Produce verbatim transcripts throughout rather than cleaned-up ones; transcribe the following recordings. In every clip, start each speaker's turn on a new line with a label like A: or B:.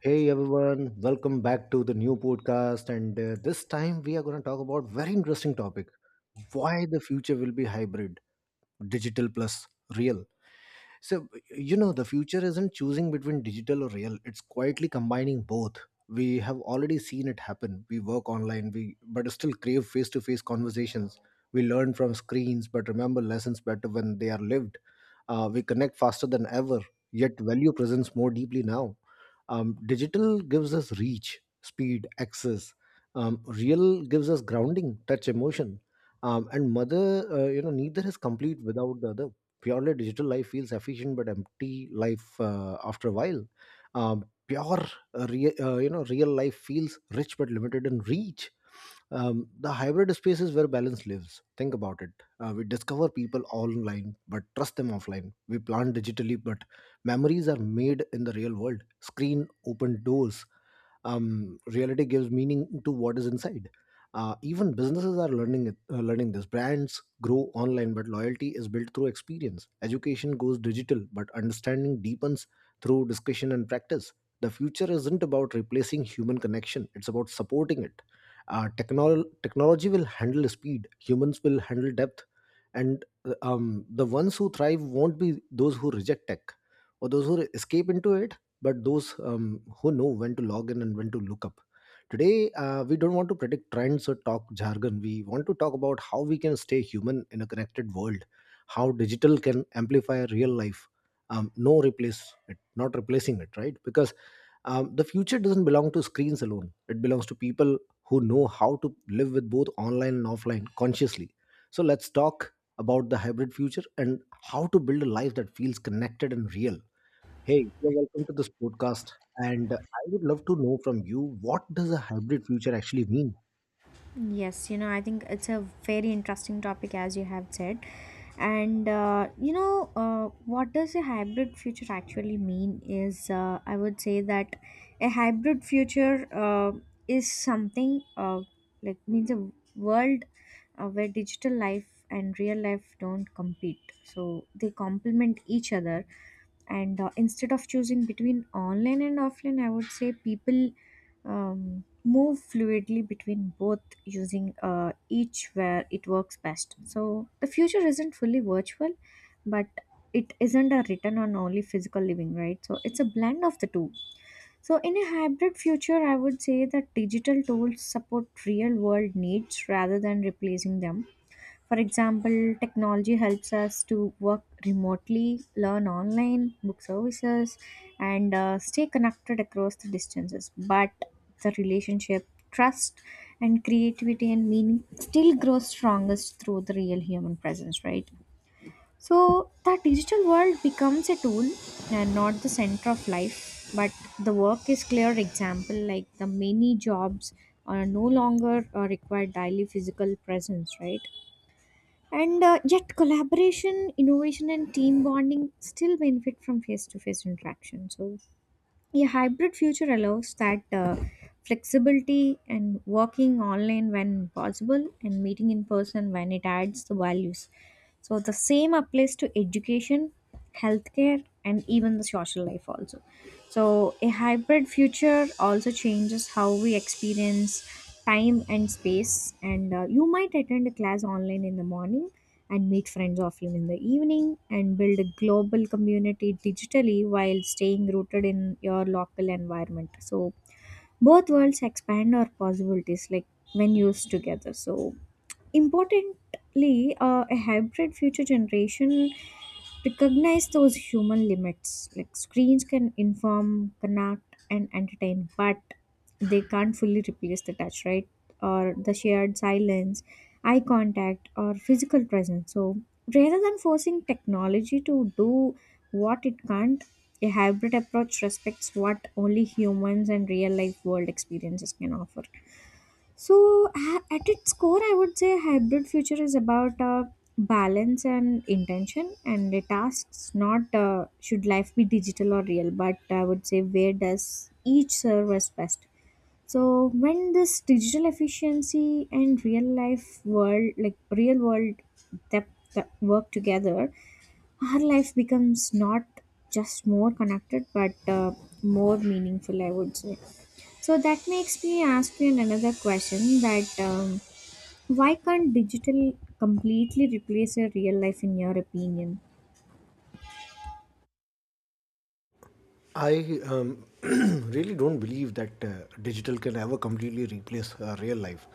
A: Hey everyone, welcome back to the new podcast. And uh, this time we are going to talk about very interesting topic: why the future will be hybrid, digital plus real. So you know the future isn't choosing between digital or real; it's quietly combining both. We have already seen it happen. We work online, we but still crave face-to-face conversations. We learn from screens, but remember lessons better when they are lived uh, We connect faster than ever, yet value presence more deeply now. Um, digital gives us reach, speed, access. Um, real gives us grounding, touch, emotion. Um, and mother, uh, you know, neither is complete without the other. Purely digital life feels efficient but empty life uh, after a while. Um, pure, uh, rea- uh, you know, Real life feels rich but limited in reach um, The hybrid space is where balance lives. Think about it. Uh, we discover people online, but trust them offline. We plan digitally, but memories are made in the real world. Screen open doors. Um, reality gives meaning to what is inside. Uh, even businesses are learning it- uh, learning this. Brands grow online, but loyalty is built through experience. Education goes digital, but understanding deepens through discussion and practice. The future isn't about replacing human connection; it's about supporting it uh, technol- technology will handle speed, humans will handle depth, and um, the ones who thrive won't be those who reject tech, or those who escape into it, but those um, who know when to log in and when to look up today uh, we don't want to predict trends or talk jargon, we want to talk about how we can stay human in a connected world, how digital can amplify real life um, no replace it, not replacing it, right? Because um, the future doesn't belong to screens alone. It belongs to people who know how to live with both online and offline consciously. So let's talk about the hybrid future and how to build a life that feels connected and real. Hey, you're welcome to this podcast. And I would love to know from you, what does a hybrid future actually mean?
B: Yes, you know, I think it's a very interesting topic, as you have said. And, uh, you know, uh, what does a hybrid future actually mean is uh, I would say that a hybrid future uh, is something uh, like means a world uh, where digital life and real life don't compete. So they complement each other. And uh, Instead of choosing between online and offline, I would say people. Um, Move fluidly between both using uh, each where it works best. So the future isn't fully virtual, but it isn't a written on only physical living, right? So it's a blend of the two. So in a hybrid future, I would say that digital tools support real world needs rather than replacing them. For example, technology helps us to work remotely, learn online, book services, and uh, stay connected across the distances. But the relationship, trust, and creativity and meaning still grows strongest through the real human presence, right? So that digital world becomes a tool and not the center of life, but the work is clear example like the many jobs are no longer uh, require daily physical presence, right? And uh, Yet, collaboration, innovation, and team bonding still benefit from face to face interaction. So a hybrid future allows that uh, flexibility and working online when possible and meeting in person when it adds the values. So the same applies to education, healthcare, and even the social life also. So a hybrid future also changes how we experience time and space. And uh, You might attend a class online in the morning and meet friends offline in the evening and build a global community digitally while staying rooted in your local environment. So both worlds expand our possibilities like when used together. So importantly, uh, a hybrid future generation recognize those human limits. Like screens can inform, connect, and entertain, but they can't fully replace the touch, right? Or the shared silence, eye contact, or physical presence. So rather than forcing technology to do what it can't, a hybrid approach respects what only humans and real life world experiences can offer. So, ha- at its core, I would say hybrid future is about uh, balance and intention, and it asks not uh, should life be digital or real, but I would say where does each serve us best. So when this digital efficiency and real life world like real world that, that work together our life becomes not just more connected but uh, more meaningful, I would say. So that makes me ask you another question that, um, why can't digital completely replace your real life, in your opinion?
A: I um, really don't believe that uh, digital can ever completely replace uh, real life.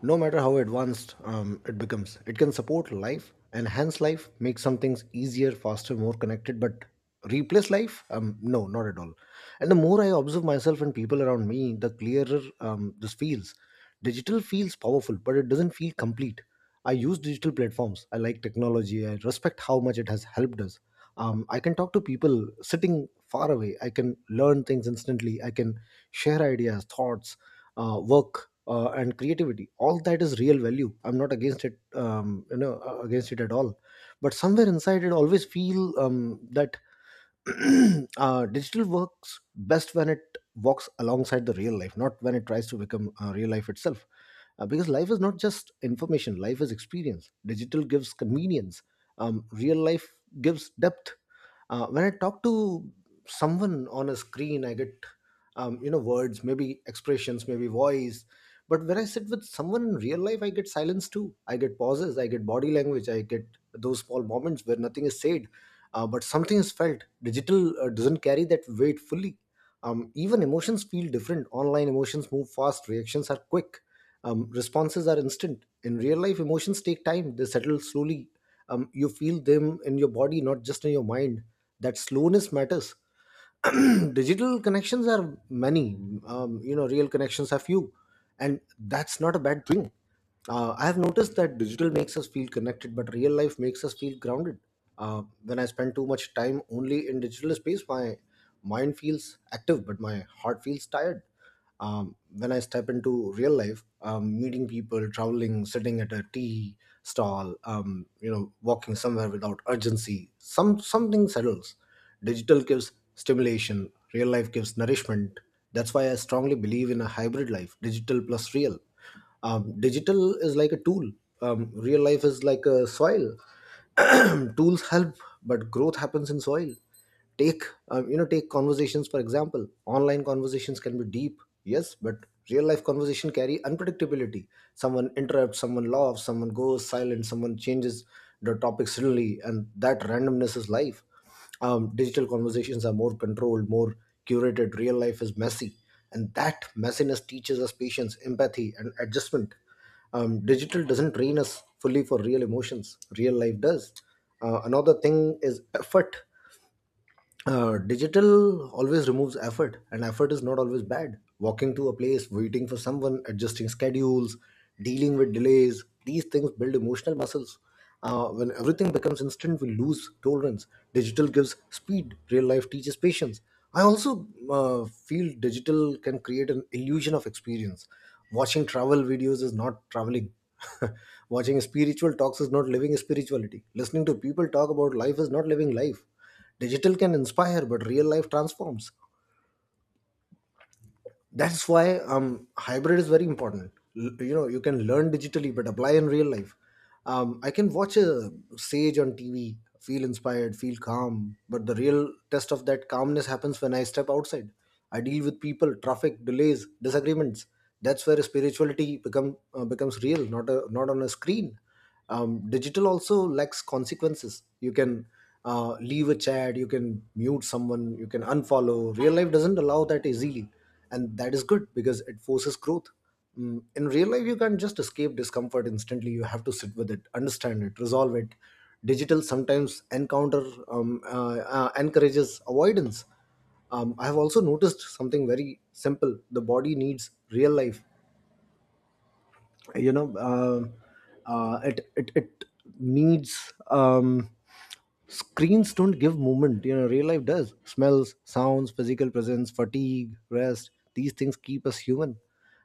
A: No matter how advanced um, it becomes, it can support life, enhance life, make some things easier, faster, more connected, but replace life? Um, no, not at all. And the more I observe myself and people around me, the clearer um, this feels. Digital feels powerful, but it doesn't feel complete. I use digital platforms. I like technology. I respect how much it has helped us. Um, I can talk to people sitting far away. I can learn things instantly. I can share ideas, thoughts, uh, work, uh, and creativity. All that is real value. I'm not against it. Um, you know, uh, against it at all. But somewhere inside, it always feel um, that uh, digital works best when it walks alongside the real life, not when it tries to become uh, real life itself. Uh, because life is not just information, life is experience. Digital gives convenience, um, real life gives depth. Uh, when I talk to someone on a screen, I get um, you know words, maybe expressions, maybe voice. But when I sit with someone in real life, I get silence too. I get pauses, I get body language, I get those small moments where nothing is said uh, but something is felt digital uh, doesn't carry that weight fully um, Even emotions feel different online, emotions move fast, reactions are quick um, responses are instant. In real life, emotions take time, they settle slowly um, you feel them in your body, not just in your mind. That slowness matters. Digital connections are many um, you know real connections are few, and that's not a bad thing. Uh, I have noticed that digital makes us feel connected, but real life makes us feel grounded. Uh, when I spend too much time only in digital space, my mind feels active but my heart feels tired. Um, when I step into real life, um, meeting people, traveling, sitting at a tea stall, um, you know, walking somewhere without urgency, some something settles. Digital gives stimulation, real life gives nourishment. That's why I strongly believe in a hybrid life, digital plus real um, Digital is like a tool um, real life is like a soil. Tools help, but growth happens in soil. Take, um, you know take conversations for example. Online conversations can be deep, yes, but real life conversation carry unpredictability. Someone interrupts, someone laughs, someone goes silent, someone changes the topic suddenly, and that randomness is life. Um, digital conversations are more controlled, more curated, real life is messy, and that messiness teaches us patience, empathy and adjustment. Um, digital doesn't train us fully for real emotions, real life does. Uh, another thing is effort. Uh, digital always removes effort, and effort is not always bad. Walking to a place, waiting for someone, adjusting schedules, dealing with delays, these things build emotional muscles. Uh, when everything becomes instant, we lose tolerance. Digital gives speed, real life teaches patience. I also uh, feel digital can create an illusion of experience. Watching travel videos is not traveling. Watching spiritual talks is not living spirituality, listening to people talk about life is not living life. Digital can inspire but real life transforms. That's why um hybrid is very important. L- you know you can learn digitally but apply in real life. um I can watch a sage on TV, feel inspired, feel calm, but the real test of that calmness happens when I step outside. I deal with people, traffic, delays, disagreements. That's where spirituality become uh, becomes real, not a, not on a screen. Um, digital also lacks consequences. You can uh, leave a chat, you can mute someone, you can unfollow. Real life doesn't allow that easily, and that is good because it forces growth. Mm, in real life you can't just escape discomfort instantly, you have to sit with it, understand it, resolve it. Digital sometimes encounter um, uh, uh, encourages avoidance. um, I have also noticed something very simple, the body needs real life. You know um uh, it, it it needs um Screens don't give movement, you know, real life does. Smells, sounds, physical presence, fatigue, rest, these things keep us human.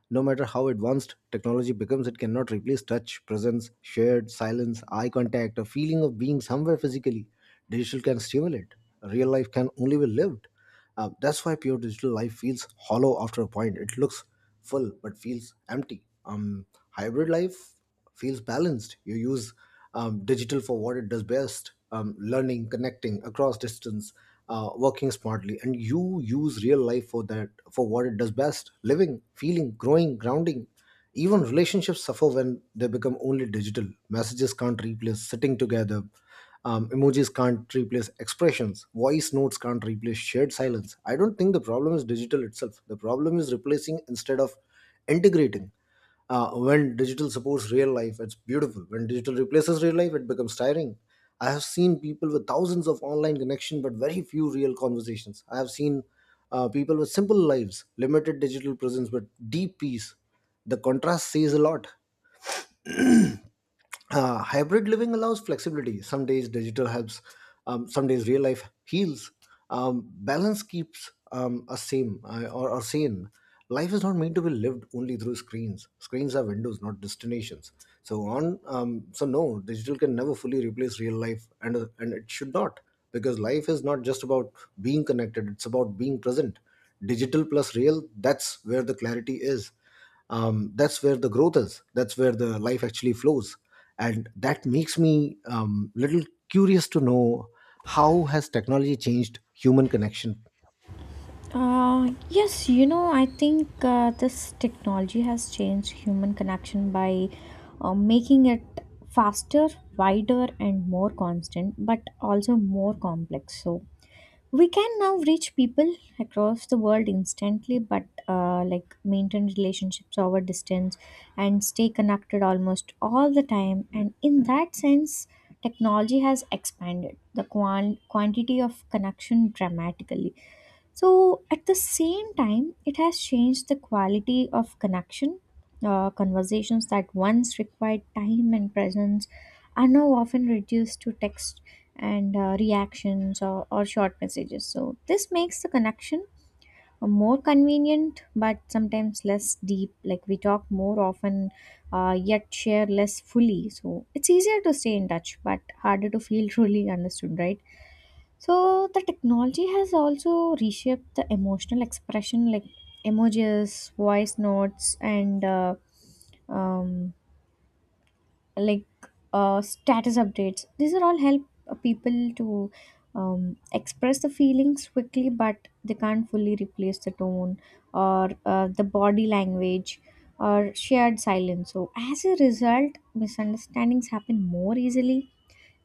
A: No matter how advanced technology becomes, it cannot replace touch, presence, shared silence, eye contact, a feeling of being somewhere physically. Digital can stimulate. Real life can only be lived. Uh, that's why pure digital life feels hollow after a point. It looks full but feels empty. Um, hybrid life feels balanced. You use um, digital for what it does best um, learning, connecting across distance, uh, working smartly. And you use real life for that, for what it does best, living, feeling, growing, grounding. Even relationships suffer when they become only digital. Messages can't replace sitting together. Um, emojis can't replace expressions. Voice notes can't replace shared silence. I don't think the problem is digital itself. The problem is replacing instead of integrating. Uh, when digital supports real life it's beautiful, when digital replaces real life it becomes tiring. I have seen people with thousands of online connection but very few real conversations. I have seen uh, people with simple lives, limited digital presence, but deep peace. The contrast says a lot. Uh, hybrid living allows flexibility, some days digital helps, um, some days real life heals. Um, balance keeps um, us same, uh, or, or sane. Life is not meant to be lived only through screens, screens are windows not destinations. So on um, so no, digital can never fully replace real life, and uh, and it should not. Because life is not just about being connected, it's about being present. Digital plus real, that's where the clarity is, um, that's where the growth is, that's where the life actually flows. And that makes me um, little curious to know, how has technology changed human connection?
B: Uh, yes, you know, I think uh, this technology has changed human connection by uh, making it faster, wider, and more constant, but also more complex. So we can now reach people across the world instantly, but uh, like maintain relationships over distance and stay connected almost all the time. And in that sense, technology has expanded the quan- quantity of connection dramatically. So at the same time, it has changed the quality of connection. Uh, conversations that once required time and presence are now often reduced to text and uh, reactions or, or short messages. So this makes the connection more convenient but sometimes less deep. Like, we talk more often uh, yet share less fully. So it's easier to stay in touch but harder to feel truly understood, right? So the technology has also reshaped the emotional expression, like emojis, voice notes, and uh, um, like uh, status updates. These are all help uh, people to um, express the feelings quickly, but they can't fully replace the tone or uh, the body language or shared silence. So as a result, misunderstandings happen more easily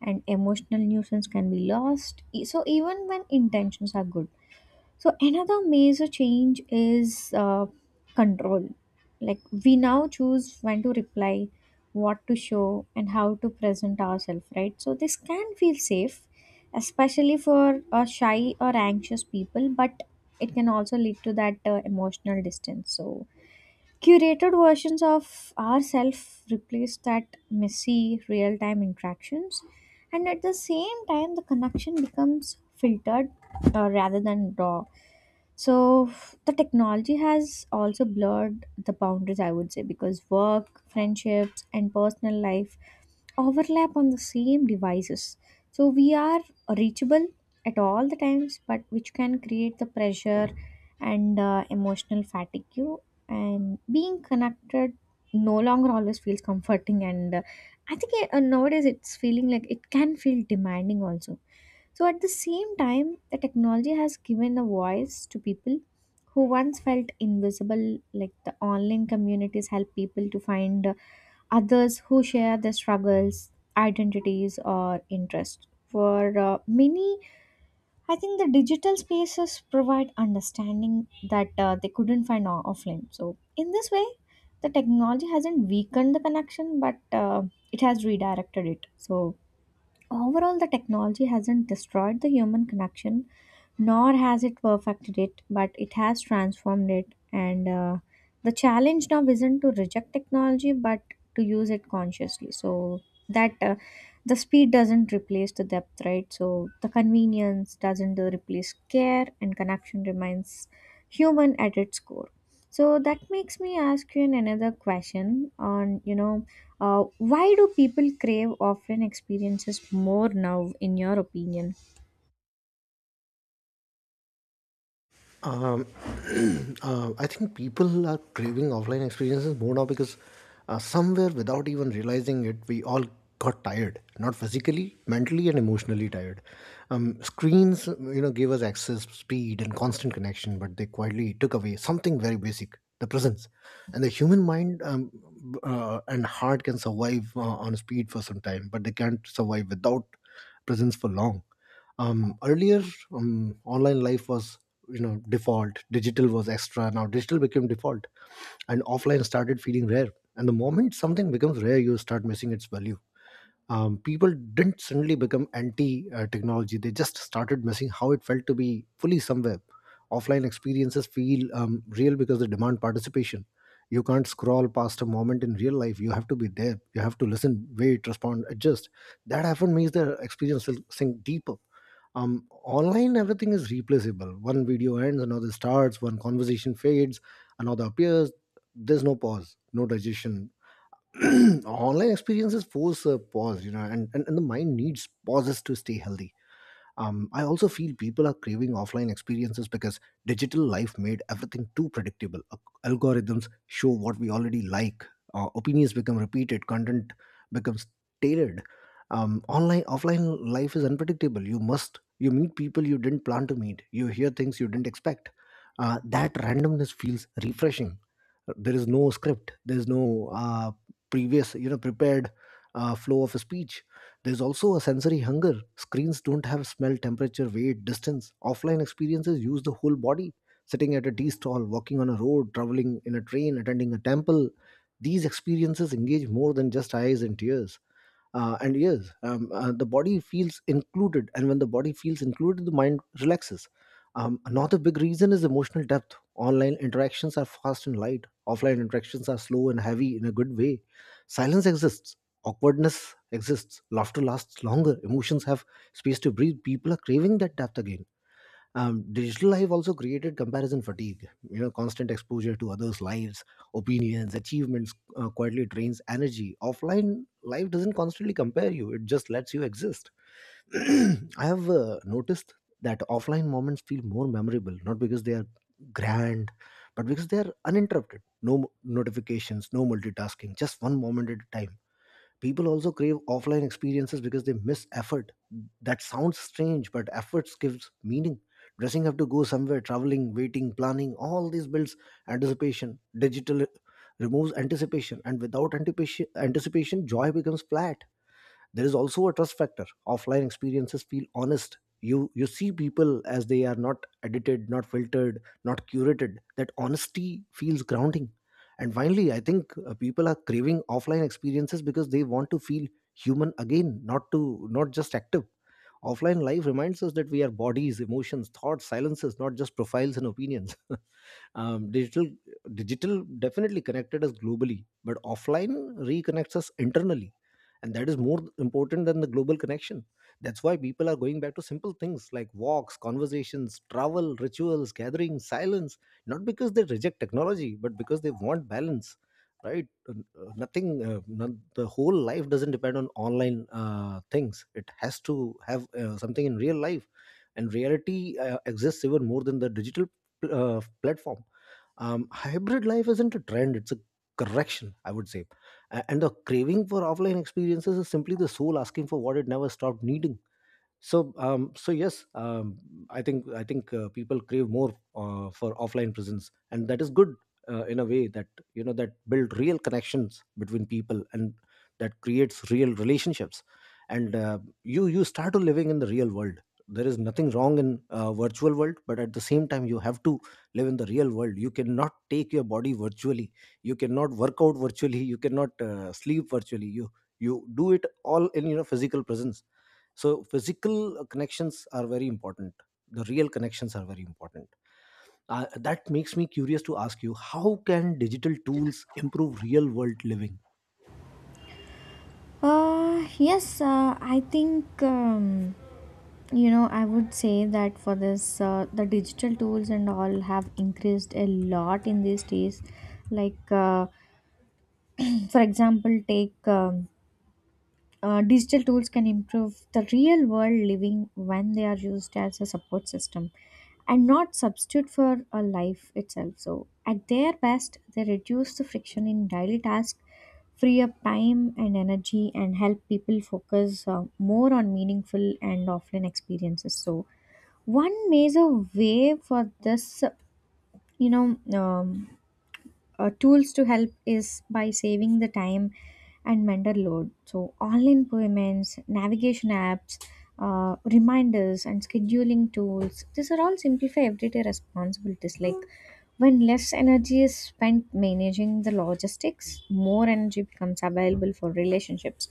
B: and emotional nuisance can be lost e- so even when intentions are good. So another major change is uh, control, like we now choose when to reply, what to show and how to present ourselves, right? So this can feel safe especially for uh, shy or anxious people, but it can also lead to that uh, emotional distance. So curated versions of ourselves replace that messy real time interactions, and at the same time, the connection becomes filtered uh, rather than raw. So the technology has also blurred the boundaries, I would say, because work, friendships, and personal life overlap on the same devices. So we are reachable at all the times, but which can create the pressure and uh, emotional fatigue, and being connected no longer always feels comforting. And uh, I think eh, uh, Nowadays it's feeling like it can feel demanding also. So at the same time the technology has given a voice to people who once felt invisible. Like the online communities help people to find uh, others who share their struggles, identities or interests. For uh, many, I think the digital spaces provide understanding that uh, they couldn't find o- offline. So in this way, the technology hasn't weakened the connection, but uh, it has redirected it. So overall, the technology hasn't destroyed the human connection, nor has it perfected it, but it has transformed it. And uh, The challenge now isn't to reject technology, but to use it consciously. So that uh, the speed doesn't replace the depth, right? So the convenience doesn't uh, replace care, and connection remains human at its core. So that makes me ask you an- another question on, you know, uh, why do people crave offline experiences more now, in your opinion?
A: Um, uh, I think people are craving offline experiences more now because uh, somewhere without even realizing it, we all got tired, not physically, mentally, and emotionally tired. Um, screens, you know, gave us access, speed, and constant connection, but they quietly took away something very basic, the presence. And the human mind um, b- uh, and heart can survive uh, on speed for some time, but they can't survive without presence for long. Um, earlier um, online life was, you know default. Digital was extra. Now digital became default and offline started feeling rare, and the moment something becomes rare, you start missing its value. Um, people didn't suddenly become anti uh, technology. They just started missing how it felt to be fully somewhere. Offline experiences feel um, real because they demand participation. You can't scroll past a moment in real life. You have to be there. You have to listen, wait, respond, adjust. That often means the experience will sink deeper. Um online, everything is replaceable. One video ends, another starts. One conversation fades, another appears. There's no pause, no digestion. online experiences force a pause, you know, and, and and the mind needs pauses to stay healthy. um, I also feel people are craving offline experiences because digital life made everything too predictable. Al- Algorithms show what we already like, uh, opinions become repeated, content becomes tailored. Um, online, offline life is unpredictable. You must, you meet people you didn't plan to meet, you hear things you didn't expect. Uh, that randomness feels refreshing. Uh, There is no script, there is no uh, previous, you know, prepared uh, flow of a speech. There's also a sensory hunger. Screens don't have smell, temperature, weight, distance. Offline experiences use the whole body. Sitting at a tea stall, walking on a road, traveling in a train, attending a temple. These experiences engage more than just eyes and ears. Uh, and yes, um, uh, the body feels included, and when the body feels included, the mind relaxes. Um, another big reason is emotional depth. Online interactions are fast and light. Offline interactions are slow and heavy, in a good way. Silence exists, awkwardness exists, laughter lasts longer, emotions have space to breathe. People are craving that depth again. Um, digital life also created comparison fatigue, you know. Constant exposure to others' lives, opinions, achievements uh, quietly drains energy. Offline life doesn't constantly compare you, it just lets you exist. I have uh, noticed that offline moments feel more memorable, not because they are grand, but because they are uninterrupted. No mo- notifications, no multitasking, just one moment at a time. People also crave offline experiences because they miss effort. That sounds strange, but efforts gives meaning. Dressing up to go somewhere, traveling, waiting, planning, all these builds anticipation. Digital removes anticipation, and without anticipation, anticipation, joy becomes flat. There is also a trust factor. Offline experiences feel honest. You you see people as they are, not edited, not filtered, not curated. That honesty feels grounding. And finally, I think uh, people are craving offline experiences because they want to feel human again, not to not just active. Offline life reminds us that we are bodies, emotions, thoughts, silences, not just profiles and opinions. um, digital digital definitely connected us globally, but offline reconnects us internally, and that is more important than the global connection. That's why people are going back to simple things like walks, conversations, travel, rituals, gatherings, silence, not because they reject technology, but because they want balance. Right. Uh, uh, nothing, uh, not, the whole life doesn't depend on online uh, things. It has to have uh, something in real life, and reality uh, exists even more than the digital pl- uh, platform. Um, hybrid life isn't a trend, it's a correction, I would say. A- and the craving for offline experiences is simply the soul asking for what it never stopped needing. So um, so yes, um, i think i think uh, people crave more uh, for offline presence, and that is good uh, in a way that, you know, that build real connections between people, and that creates real relationships. And uh, you you start to living in the real world. There is nothing wrong in uh, virtual world, but at the same time, you have to live in the real world. You cannot take your body virtually, you cannot work out virtually, you cannot uh, sleep virtually. You you do it all in, you know, physical presence. So physical connections are very important, the real connections are very important. Uh, that makes me curious to ask you, how can digital tools improve real world living?
B: Uh, yes, uh, I think um, you know, I would say that for this uh, the digital tools and all have increased a lot in these days. Like uh, for example, take um, uh, digital tools can improve the real world living when they are used as a support system and not substitute for a life itself. So at their best, they reduce the friction in daily tasks, free up time and energy, and help people focus uh, more on meaningful and offline experiences. So one major way for this, you know, um, uh, tools to help is by saving the time and mental load. So online payments, navigation apps, uh, reminders, and scheduling tools. These are all simplify everyday responsibilities. Like when less energy is spent managing the logistics, more energy becomes available for relationships.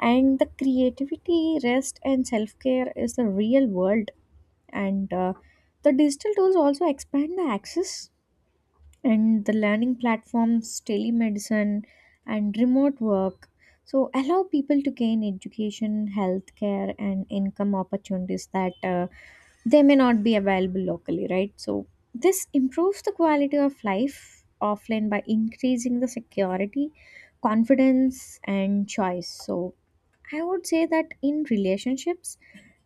B: And the creativity, rest, and self care is the real world. And uh, The digital tools also expand the access and the learning platforms, telemedicine, and remote work. So, allow people to gain education, healthcare, and income opportunities that uh, they may not be available locally, right? So this improves the quality of life offline by increasing the security, confidence, and choice. So I would say that in relationships,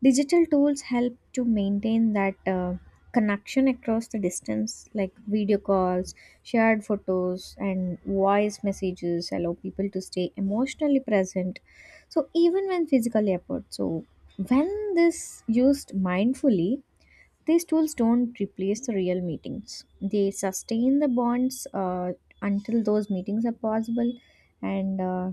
B: digital tools help to maintain that uh, connection across the distance, like video calls, shared photos, and voice messages allow people to stay emotionally present. So even when physically apart, so when this used mindfully, these tools don't replace the real meetings. They sustain the bonds uh, until those meetings are possible. And uh,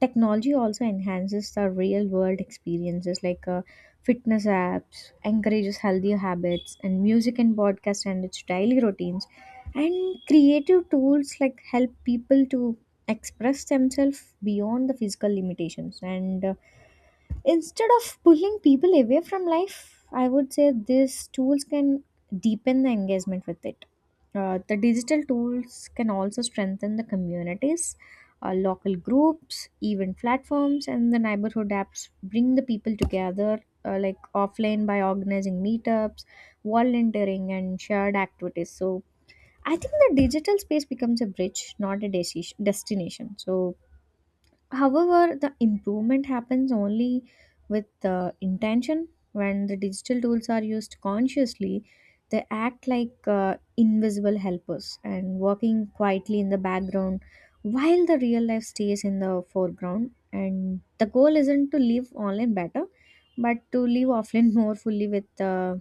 B: Technology also enhances the real world experiences like uh, fitness apps, encourages healthier habits, and music and podcast and its daily routines. And creative tools like help people to express themselves beyond the physical limitations. And uh, Instead of pulling people away from life, I would say these tools can deepen the engagement with it. Uh, the digital tools can also strengthen the communities, uh, local groups, event platforms, and the neighborhood apps bring the people together uh, like offline by organizing meetups, volunteering, and shared activities. So I think the digital space becomes a bridge, not a desi- destination. So however, the improvement happens only with uh, intention. When the digital tools are used consciously, they act like uh, invisible helpers, and working quietly in the background while the real life stays in the foreground. And the goal isn't to live online better, but to live offline more fully, with uh,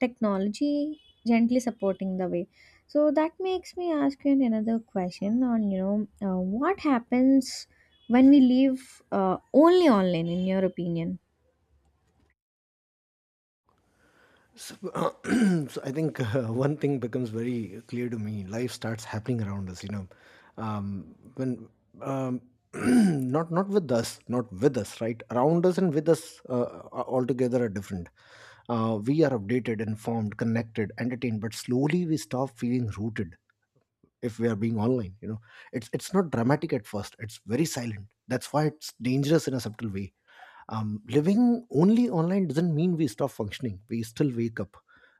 B: technology gently supporting the way. So that makes me ask you another question on, you know, uh, what happens when we live uh, only online, in your opinion?
A: so, so I think uh, one thing becomes very clear to me. Life starts happening around us, you know, um, when um, not not with us, not with us, right? Around us and with us uh, are altogether are different. Uh, we are updated, informed, connected, entertained, but slowly we stop feeling rooted. If we are being online, you know, it's it's not dramatic at first, it's very silent. That's why it's dangerous in a subtle way. Um, living only online doesn't mean we stop functioning. We still wake up,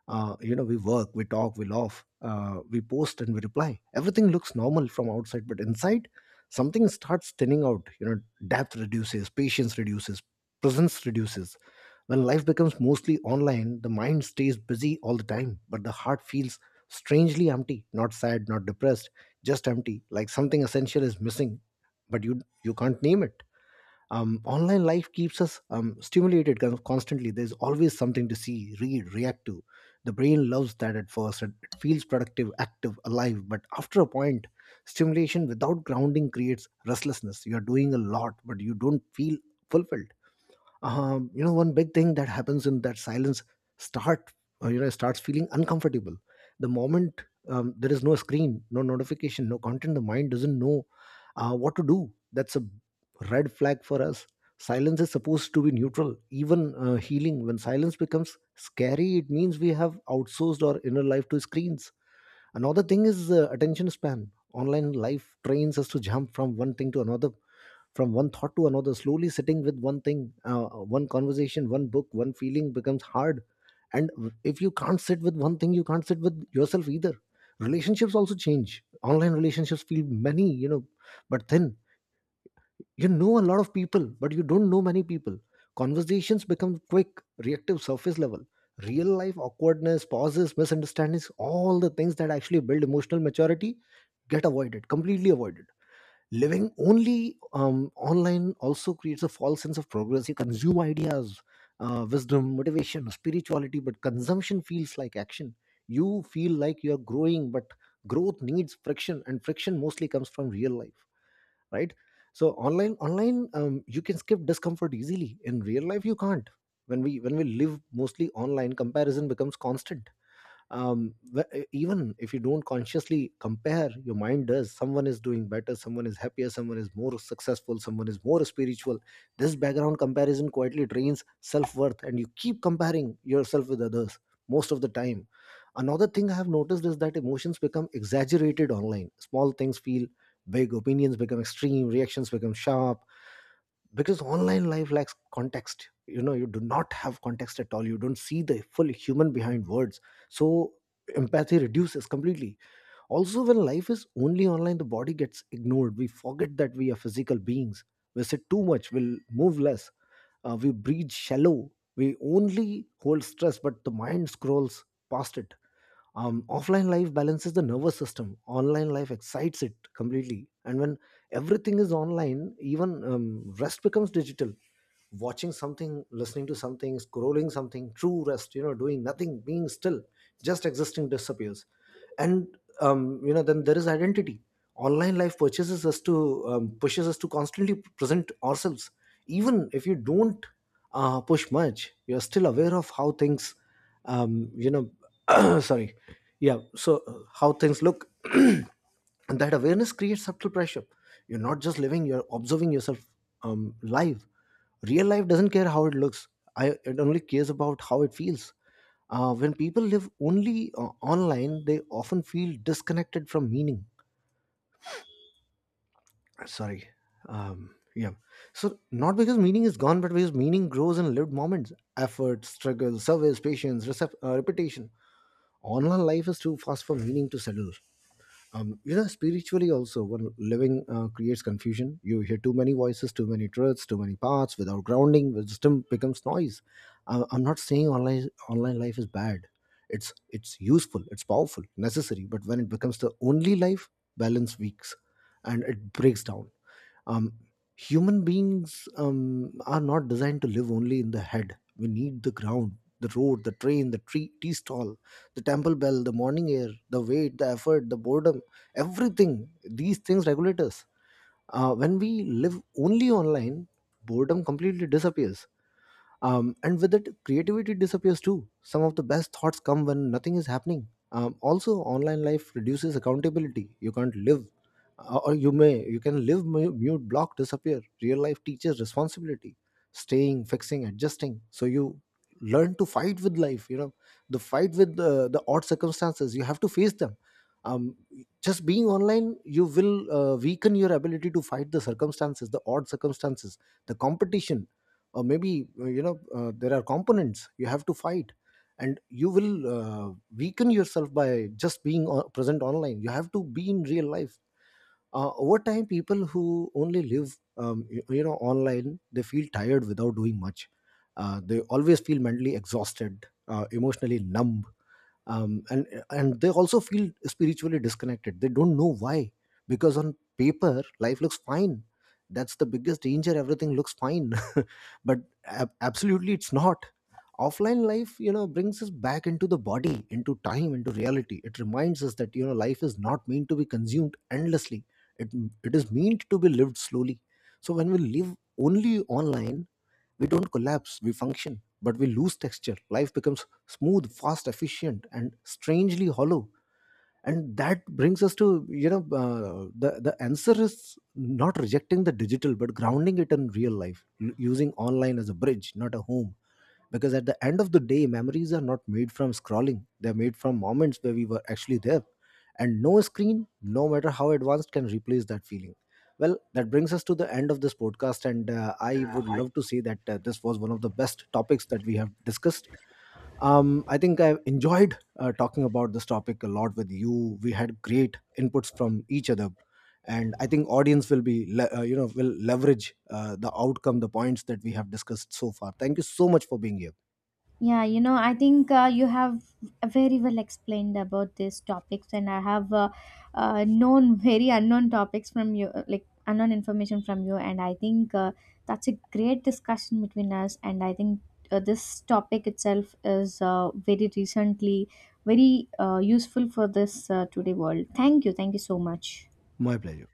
A: uh, you know, we work, we talk, we laugh, uh, we post and we reply. Everything looks normal from outside, but inside something starts thinning out, you know. Depth reduces, patience reduces, presence reduces. When life becomes mostly online, the mind stays busy all the time, but the heart feels strangely empty. Not sad, not depressed, just empty, like something essential is missing, but you you can't name it. Um, online life keeps us um, stimulated con- constantly. There's always something to see, read, react to. The brain loves that at first. It, it feels productive, active, alive, but after a point, stimulation without grounding creates restlessness. You're doing a lot, but you don't feel fulfilled. Um, you know, one big thing that happens in that silence start uh, you know starts feeling uncomfortable. The moment um, there is no screen, no notification, no content, the mind doesn't know uh, what to do. That's a red flag for us. Silence is supposed to be neutral, even uh, healing. When silence becomes scary, it means we have outsourced our inner life to screens. Another thing is uh, attention span. Online life trains us to jump from one thing to another, from one thought to another. Slowly sitting with one thing, uh, one conversation, one book, one feeling becomes hard. And if you can't sit with one thing, you can't sit with yourself either. Relationships also change. Online relationships feel many, you know, but thin. You know, a lot of people, but you don't know many people. Conversations become quick, reactive, surface level. Real life awkwardness, pauses, misunderstandings, all the things that actually build emotional maturity get avoided, completely avoided. Living only um, online also creates a false sense of progress. You consume ideas, uh, wisdom, motivation, spirituality, but consumption feels like action. You feel like you're growing, but growth needs friction, and friction mostly comes from real life, right? So online online, um, you can skip discomfort easily. In real life you can't. When we when we live mostly online, comparison becomes constant. Um, the- e, even if you don't consciously compare, your mind does. Someone is doing better, someone is happier, someone is more successful, someone is more spiritual. This background comparison quietly drains self-worth, and you keep comparing yourself with others most of the time. Another thing I have noticed is that emotions become exaggerated online. Small things feel big, opinions become extreme, reactions become sharp, because online life lacks context. You know, you do not have context at all. You don't see the full human behind words, so empathy reduces completely. Also, when life is only online, the body gets ignored. We forget that we are physical beings. We sit too much, we'll move less, uh, we breathe shallow, we only hold stress, but the mind scrolls past it. Um, offline life balances the nervous system. Online life excites it completely, and when everything is online, even um, rest becomes digital. Watching something, listening to something, scrolling something. True rest, you know, doing nothing, being still, just existing, disappears. And um, you know, then there is identity. Online life purchases us to um, pushes us to constantly present ourselves. Even if you don't uh, push much, you're still aware of how things um, you know sorry yeah so uh, how things look, and that awareness creates subtle pressure. You're not just living, you're observing yourself. Um, live Real life doesn't care how it looks. I, it only cares about how it feels. Uh, when people live only uh, online, they often feel disconnected from meaning. Sorry. Um, yeah. So, not because meaning is gone, but because meaning grows in lived moments, effort, struggle, service, patience, recep- uh, repetition. Online life is too fast for meaning to settle. Um, you know, spiritually also, when living uh, creates confusion, you hear too many voices, too many truths, too many paths. Without grounding, wisdom becomes noise. I, i'm not saying online online life is bad. It's it's useful, it's powerful, necessary, but when it becomes the only life, balance weaks and it breaks down. um, Human beings um, are not designed to live only in the head. We need the ground, the road, the train, the tree, tea stall, the temple bell, the morning air, the weight, the effort, the boredom, everything. These things regulate us. Uh, when we live only online, boredom completely disappears, um, and with it, creativity disappears too. Some of the best thoughts come when nothing is happening. Um, also, online life reduces accountability. You can't live, uh, or you may, you can live, mu- mute, block, disappear. Real life teaches responsibility, staying, fixing, adjusting, so you learn to fight with life, you know, the fight with the, the odd circumstances. You have to face them. um, just being online, you will uh, weaken your ability to fight the circumstances, the odd circumstances, the competition, or maybe uh, you know, uh, there are components you have to fight, and you will uh, weaken yourself by just being o- present online. You have to be in real life. Uh, over time, people who only live um, you, you know, online, they feel tired without doing much. Uh, they always feel mentally exhausted, uh, emotionally numb, um, and and they also feel spiritually disconnected. They don't know why, because on paper life looks fine. That's the biggest danger, everything looks fine, but ab- absolutely it's not. Offline life, you know, brings us back into the body, into time, into reality. It reminds us that, you know, life is not meant to be consumed endlessly. it it is meant to be lived slowly. So when we live only online, we don't collapse, we function, but we lose texture. Life becomes smooth, fast, efficient, and strangely hollow. And that brings us to, you know, uh, the, the answer is not rejecting the digital, but grounding it in real life, l- using online as a bridge, not a home, because at the end of the day, memories are not made from scrolling. They're made from moments where we were actually there, and no screen, no matter how advanced, can replace that feeling. Well, that brings us to the end of this podcast, and uh, I would love to say that uh, this was one of the best topics that we have discussed. um, I think I've enjoyed uh, talking about this topic a lot with you. We had great inputs from each other, and I think audience will be le- uh, you know, will leverage uh, the outcome, the points that we have discussed so far. Thank you so much for being here.
B: Yeah, you know, I think uh, you have very well explained about these topics, and I have uh, uh, known very unknown topics from you, uh, like unknown information from you, and I think uh, that's a great discussion between us. And I think uh, this topic itself is uh, very recently very uh, useful for this uh, today world. Thank you, thank you so much.
A: My pleasure.